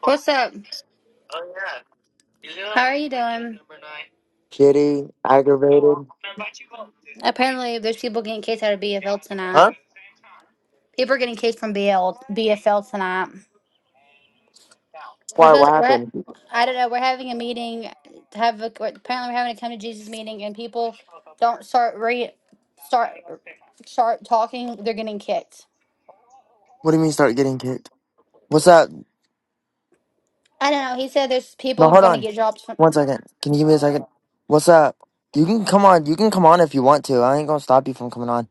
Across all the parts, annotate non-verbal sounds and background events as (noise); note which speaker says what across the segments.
Speaker 1: What's up? How are you doing?
Speaker 2: Kitty, aggravated.
Speaker 1: Apparently, there's people getting kicked out of BFL tonight.
Speaker 2: Huh?
Speaker 1: People are getting kicked from BL, BFL tonight. We're
Speaker 2: Why?
Speaker 1: supposed.
Speaker 2: What
Speaker 1: We're. ha-
Speaker 2: happened?
Speaker 1: I don't know. We're having a meeting. To have a, apparently we're having a come to Jesus meeting, and people don't start re start start talking. They're getting kicked.
Speaker 2: What do you mean start getting kicked? What's up?
Speaker 1: I don't know. He said there's
Speaker 2: No,
Speaker 1: people
Speaker 2: hold
Speaker 1: going to
Speaker 2: on.
Speaker 1: get jobs from.
Speaker 2: One second. Can you give me a second? What's up? You can come on. You can come on if you want to. I ain't gonna stop you from coming on.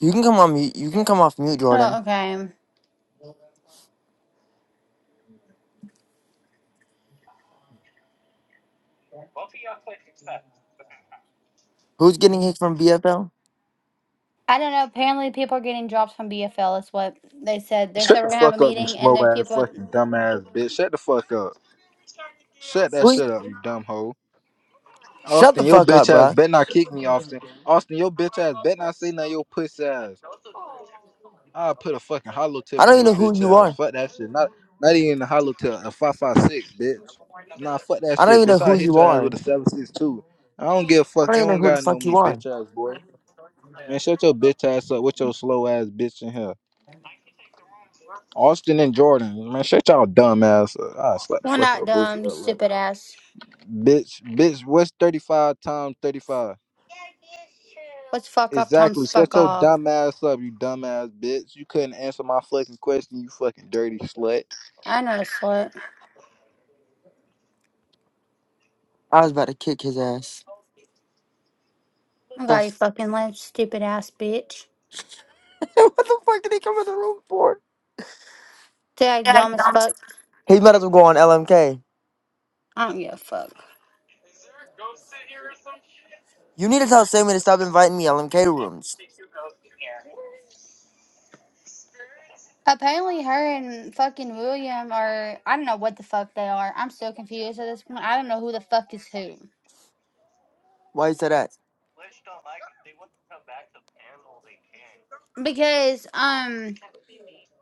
Speaker 2: You can come on mute. You can come off mute,
Speaker 1: Oh,
Speaker 2: Jordan.
Speaker 1: okay.
Speaker 2: Who's getting kicked from BFL?
Speaker 1: I don't know. Apparently, people are getting jobs from BFL. Is what they said. They
Speaker 3: Shut
Speaker 1: said
Speaker 3: the
Speaker 1: we're gonna have a
Speaker 3: fuck up, you
Speaker 1: meeting, and
Speaker 3: slow
Speaker 1: there's
Speaker 3: ass
Speaker 1: people.
Speaker 3: fucking dumb ass bitch. Shut the fuck up. Shut that
Speaker 2: Who?
Speaker 3: shit up, you dumb hoe.
Speaker 2: Shut the
Speaker 3: Austin, your
Speaker 2: fuck
Speaker 3: bitch
Speaker 2: up,
Speaker 3: ass
Speaker 2: bruh.
Speaker 3: bet not kick me, Austin. Austin, your bitch ass bet not say nothing, your pussy ass. I'll put a fucking hollow tip
Speaker 2: I
Speaker 3: in
Speaker 2: don't even
Speaker 3: your
Speaker 2: know who
Speaker 3: bitch
Speaker 2: you
Speaker 3: ass.
Speaker 2: are.
Speaker 3: Fuck that shit. Not not even a hollow tip, a 556, bitch. Nah, fuck that
Speaker 2: I don't
Speaker 3: shit,
Speaker 2: even know
Speaker 3: bitch. I'll
Speaker 2: who
Speaker 3: hit
Speaker 2: you
Speaker 3: your ass with
Speaker 2: are.
Speaker 3: a 762. I don't give a
Speaker 2: I
Speaker 3: fuck.
Speaker 2: don't
Speaker 3: You
Speaker 2: even know
Speaker 3: don't
Speaker 2: who the
Speaker 3: gotta know
Speaker 2: fuck
Speaker 3: me,
Speaker 2: you are.
Speaker 3: bitch ass boy. Man, shut your bitch ass up with your slow ass bitch in here. Austin and Jordan, man, shut y'all dumb ass up. I slap the
Speaker 1: We're
Speaker 3: fuck
Speaker 1: not
Speaker 3: out both of
Speaker 1: dumb, you
Speaker 3: y'all.
Speaker 1: stupid ass.
Speaker 3: Bitch, bitch, what's 35 times 35?
Speaker 1: What's fuck off times
Speaker 3: Exactly.
Speaker 1: fuck
Speaker 3: Shut your
Speaker 1: off?
Speaker 3: dumb ass up, you dumb ass bitch. You couldn't answer my fucking question, you fucking dirty slut.
Speaker 1: I know the sort.
Speaker 2: I was about to kick his ass.
Speaker 1: I'm
Speaker 2: The
Speaker 1: glad you
Speaker 2: f-
Speaker 1: fucking left, stupid ass bitch.
Speaker 2: (laughs) what the fuck did he come in the room for?
Speaker 1: Tag dumb as fuck.
Speaker 2: He might as well go on LMK.
Speaker 1: I don't give a fuck.
Speaker 2: You need to tell Sammy to stop inviting me LMK rooms.
Speaker 1: Apparently, her and fucking William are. I don't know what the fuck they are. I'm so confused at this point. I don't know who the fuck is who.
Speaker 2: Why you say that
Speaker 1: Because, um,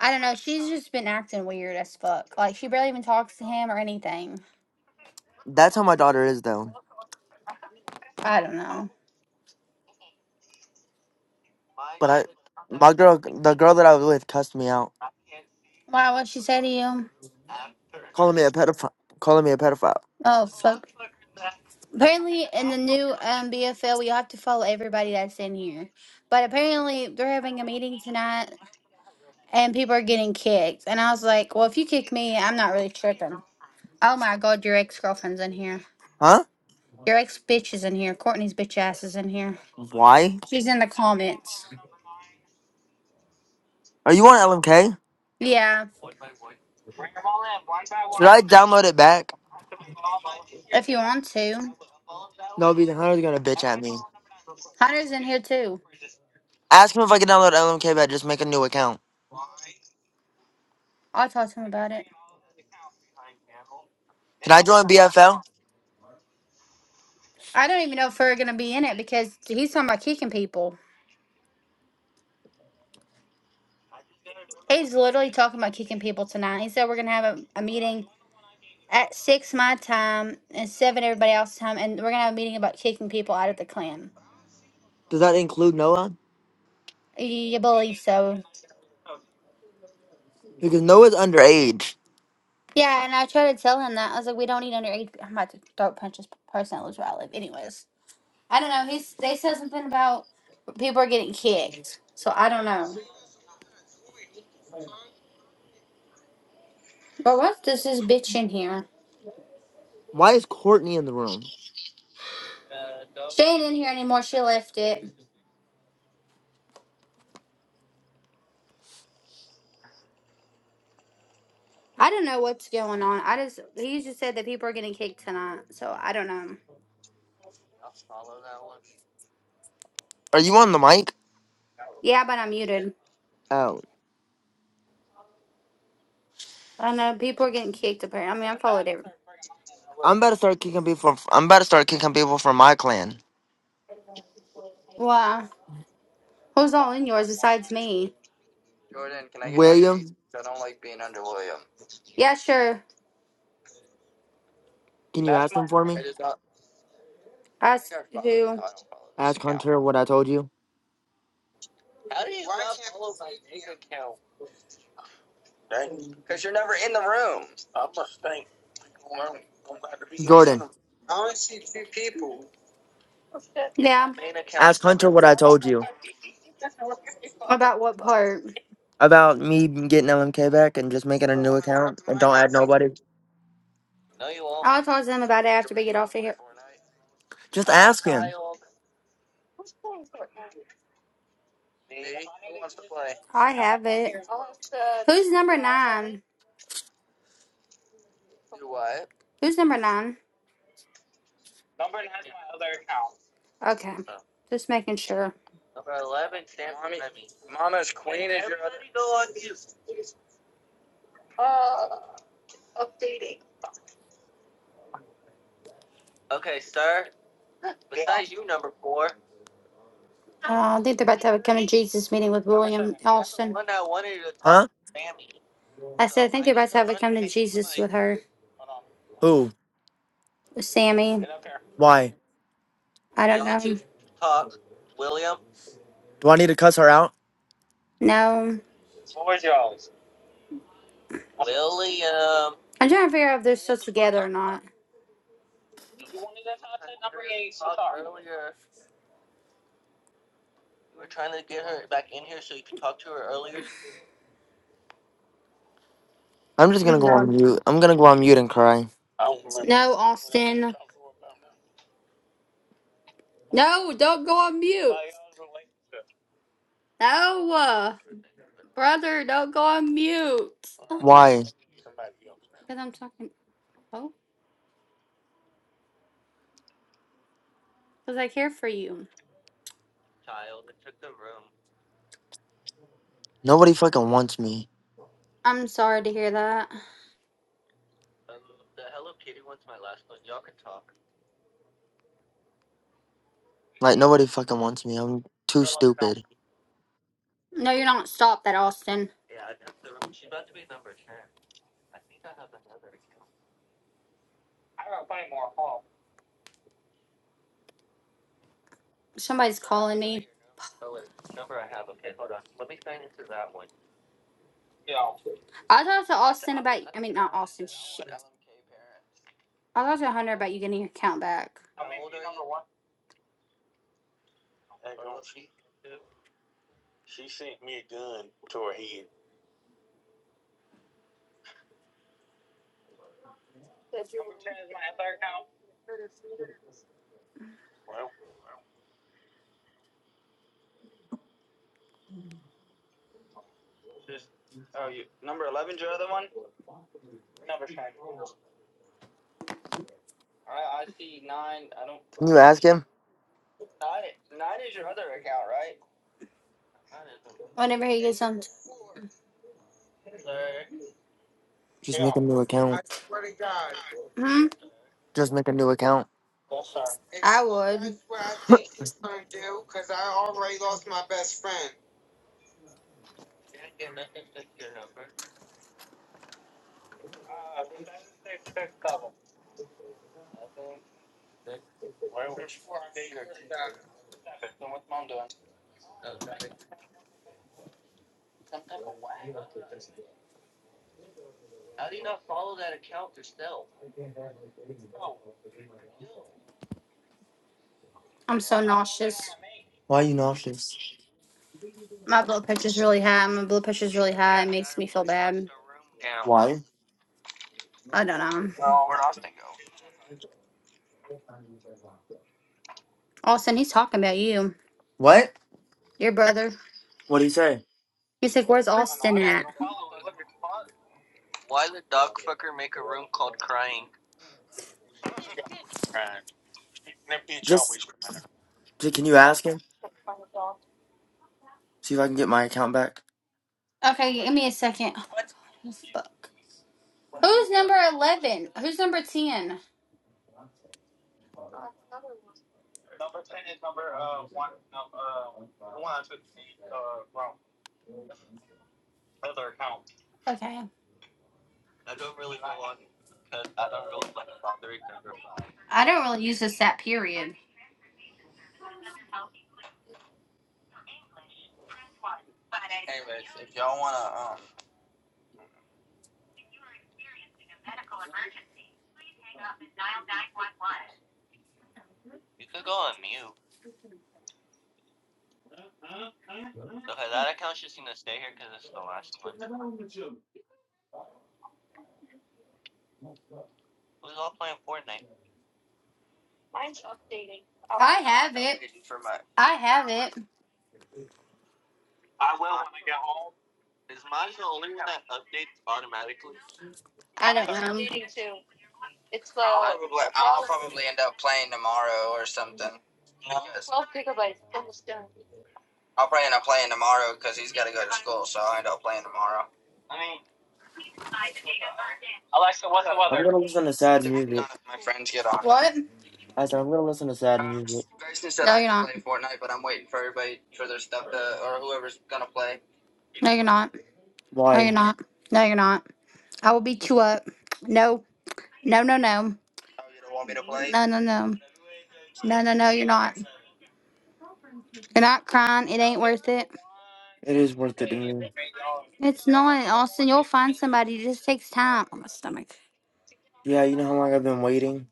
Speaker 1: I don't know. She's just been acting weird as fuck. Like, she barely even talks to him or anything.
Speaker 2: That's how my daughter is though.
Speaker 1: I don't know.
Speaker 2: But I, my girl, the girl that I was with, cussed me out,
Speaker 1: Why? What'd she say to you?
Speaker 2: calling me a pedophile, calling me a pedophile.
Speaker 1: Oh fuck. Apparently, in the new um, BFL, we have to follow everybody that's in here. But apparently, they're having a meeting tonight, and people are getting kicked. And I was like, "Well, if you kick me, I'm not really tripping." Oh my god, your ex girlfriend's in here.
Speaker 2: Huh?
Speaker 1: Your ex bitch is in here. Courtney's bitch ass is in here.
Speaker 2: Why?
Speaker 1: She's in the comments.
Speaker 2: Are you on LMK?
Speaker 1: Yeah,
Speaker 2: Should I download it back?
Speaker 1: if you want to.
Speaker 2: No, because Hunter's gonna bitch at me.
Speaker 1: Hunter's in here too.
Speaker 2: Ask him if I can download LMK But Just make a new account.
Speaker 1: I'll talk to him about it.
Speaker 2: Can I join BFL?
Speaker 1: I don't even know if we're gonna be in it because he's talking about kicking people. He's literally talking about kicking people tonight. He said we're gonna have a, a meeting at six my time and seven everybody else's time, and we're gonna have a meeting about kicking people out of the clan.
Speaker 2: Does that include Noah?
Speaker 1: You believe so?
Speaker 2: Because Noah's underage.
Speaker 1: Yeah, and I tried to tell him that I was like, we don't need underage. I'm about to throat punch this person that lives where I live. Anyways, I don't know. He's they said something about people are getting kicked, so I don't know. But what does this is bitch in here?
Speaker 2: Why is Courtney in the room?
Speaker 1: She ain't in here anymore. She left it. I don't know what's going on. I just he just said that people are getting kicked tonight, so I don't know.
Speaker 2: Are you on the mic?
Speaker 1: Yeah, but I'm muted.
Speaker 2: Oh,
Speaker 1: I know people are getting kicked apparently. I mean, I followed it.
Speaker 2: I'm about to start kicking people. I'm about to start kicking people from my clan.
Speaker 1: Wow. Who's all in yours besides me? Jordan, can I I get underneath?
Speaker 2: William,
Speaker 1: I don't like being under William. Yeah, sure.
Speaker 2: can you ask him for me?
Speaker 1: I just don't- Ask I don't who. follow this
Speaker 2: Ask
Speaker 1: account.
Speaker 2: Hunter what I told you.
Speaker 1: right? Because you're never in the room.
Speaker 2: Jordan,
Speaker 1: Yeah,
Speaker 2: ask Hunter what I told you
Speaker 1: about what part?
Speaker 2: about me getting LMK back and just making a new account and don't add nobody.
Speaker 1: I'll talk to them about it after we get off of here. Who
Speaker 2: Just ask him,
Speaker 1: wants to play? I have it. Who's number nine? Do what? Who's number nine? Okay, just making sure. Mama's queen. Uh, I think they're about to have a come to Jesus meeting with William Austin.
Speaker 2: huh?
Speaker 1: I said I think they're about have a come to Jesus with her,
Speaker 2: Who?
Speaker 1: with Sammy.
Speaker 2: Why?
Speaker 1: I don't know.
Speaker 2: Do I need to cuss her out?
Speaker 1: No, I'm trying to figure out if they're still together or not.
Speaker 2: I'm just
Speaker 1: Oh,
Speaker 2: gonna go on
Speaker 1: God.
Speaker 2: mute. I'm gonna go on mute and cry.
Speaker 1: No, Austin. No, don't go on mute. No. Brother, don't go on mute. Because
Speaker 2: Why?
Speaker 1: I'm talking. Oh, because I care for you.
Speaker 2: Nobody fucking wants me.
Speaker 1: I'm sorry to hear that.
Speaker 2: Like nobody fucking wants me. I'm too stupid.
Speaker 1: No, you're not. Stop that, Austin. Somebody's calling me. I talked to Austin about. I mean, not Austin. Shit. I talked to Hunter about you getting your account back. Just oh, you number eleven's your your other other one. All right, I I see nine. I don't.
Speaker 2: Can you ask him?
Speaker 1: nine. Nine don't is your other account, right? Whenever he gets on.
Speaker 2: Just make a new account.
Speaker 1: Hmm?
Speaker 2: Just make a new account.
Speaker 1: I would. That's what I I
Speaker 2: (laughs) Why
Speaker 1: think he's gonna do. Cause I already lost my best friend. I'm so nauseous.
Speaker 2: are you nauseous?
Speaker 1: My blood pressure's really high. My blood pressure's really high. It makes me feel bad.
Speaker 2: Why?
Speaker 1: I don't know. Austin, he's talking about you.
Speaker 2: What?
Speaker 1: Your brother.
Speaker 2: What do you say?
Speaker 1: He's like, where's Austin at?
Speaker 2: Just. J- Can you ask him? See if I can get my account back.
Speaker 1: Okay, give me a second. Fuck. Who's number 11? Who's number 10? Okay. I don't really use this app, period. I have it. I have it. I don't know. I'll probably I'll probably end up playing tomorrow or something. I'll probably end up playing tomorrow because he's got to go to school, so I end up playing tomorrow.
Speaker 2: I'm gonna listen to sad
Speaker 1: Depending on
Speaker 2: music.
Speaker 1: if my friends get on. What?
Speaker 2: I said I'm gonna listen to sad
Speaker 1: Uh,
Speaker 2: music.
Speaker 1: Grayson said No, I you're not. play Fortnite, but I'm waiting for everybody for their stuff to or whoever's gonna play. No, you're not. No, you're
Speaker 2: Why?
Speaker 1: not. No, you're not. I will beat you up. No, no, no, no. Oh, you don't want me to play? No, no, no. No, no, no, you're not. You're not crying. It ain't worth it.
Speaker 2: It is worth it to me.
Speaker 1: It's not, Austin. You'll find somebody. It just takes time. Oh, my stomach.
Speaker 2: Yeah, you know how long I've been waiting.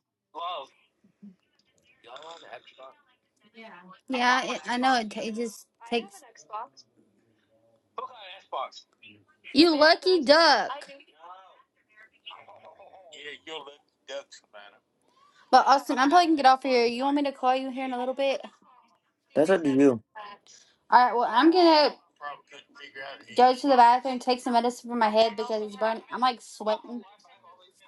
Speaker 1: Yeah, it, I know. It, ta- it just takes. You lucky duck. But Austin, I'm probably gonna get off here. You want me to call you here in a little bit?
Speaker 2: That's up to you.
Speaker 1: All right. Well, I'm gonna go to the bathroom, take some medicine for my head because it's burning. I'm like sweating.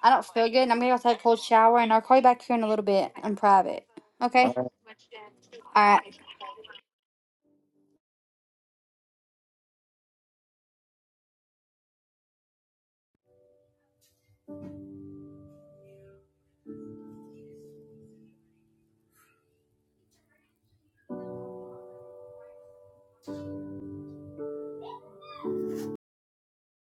Speaker 1: I don't feel good, and I'm gonna go take a cold shower, and I'll call you back here in a little bit in private. Okay. All right.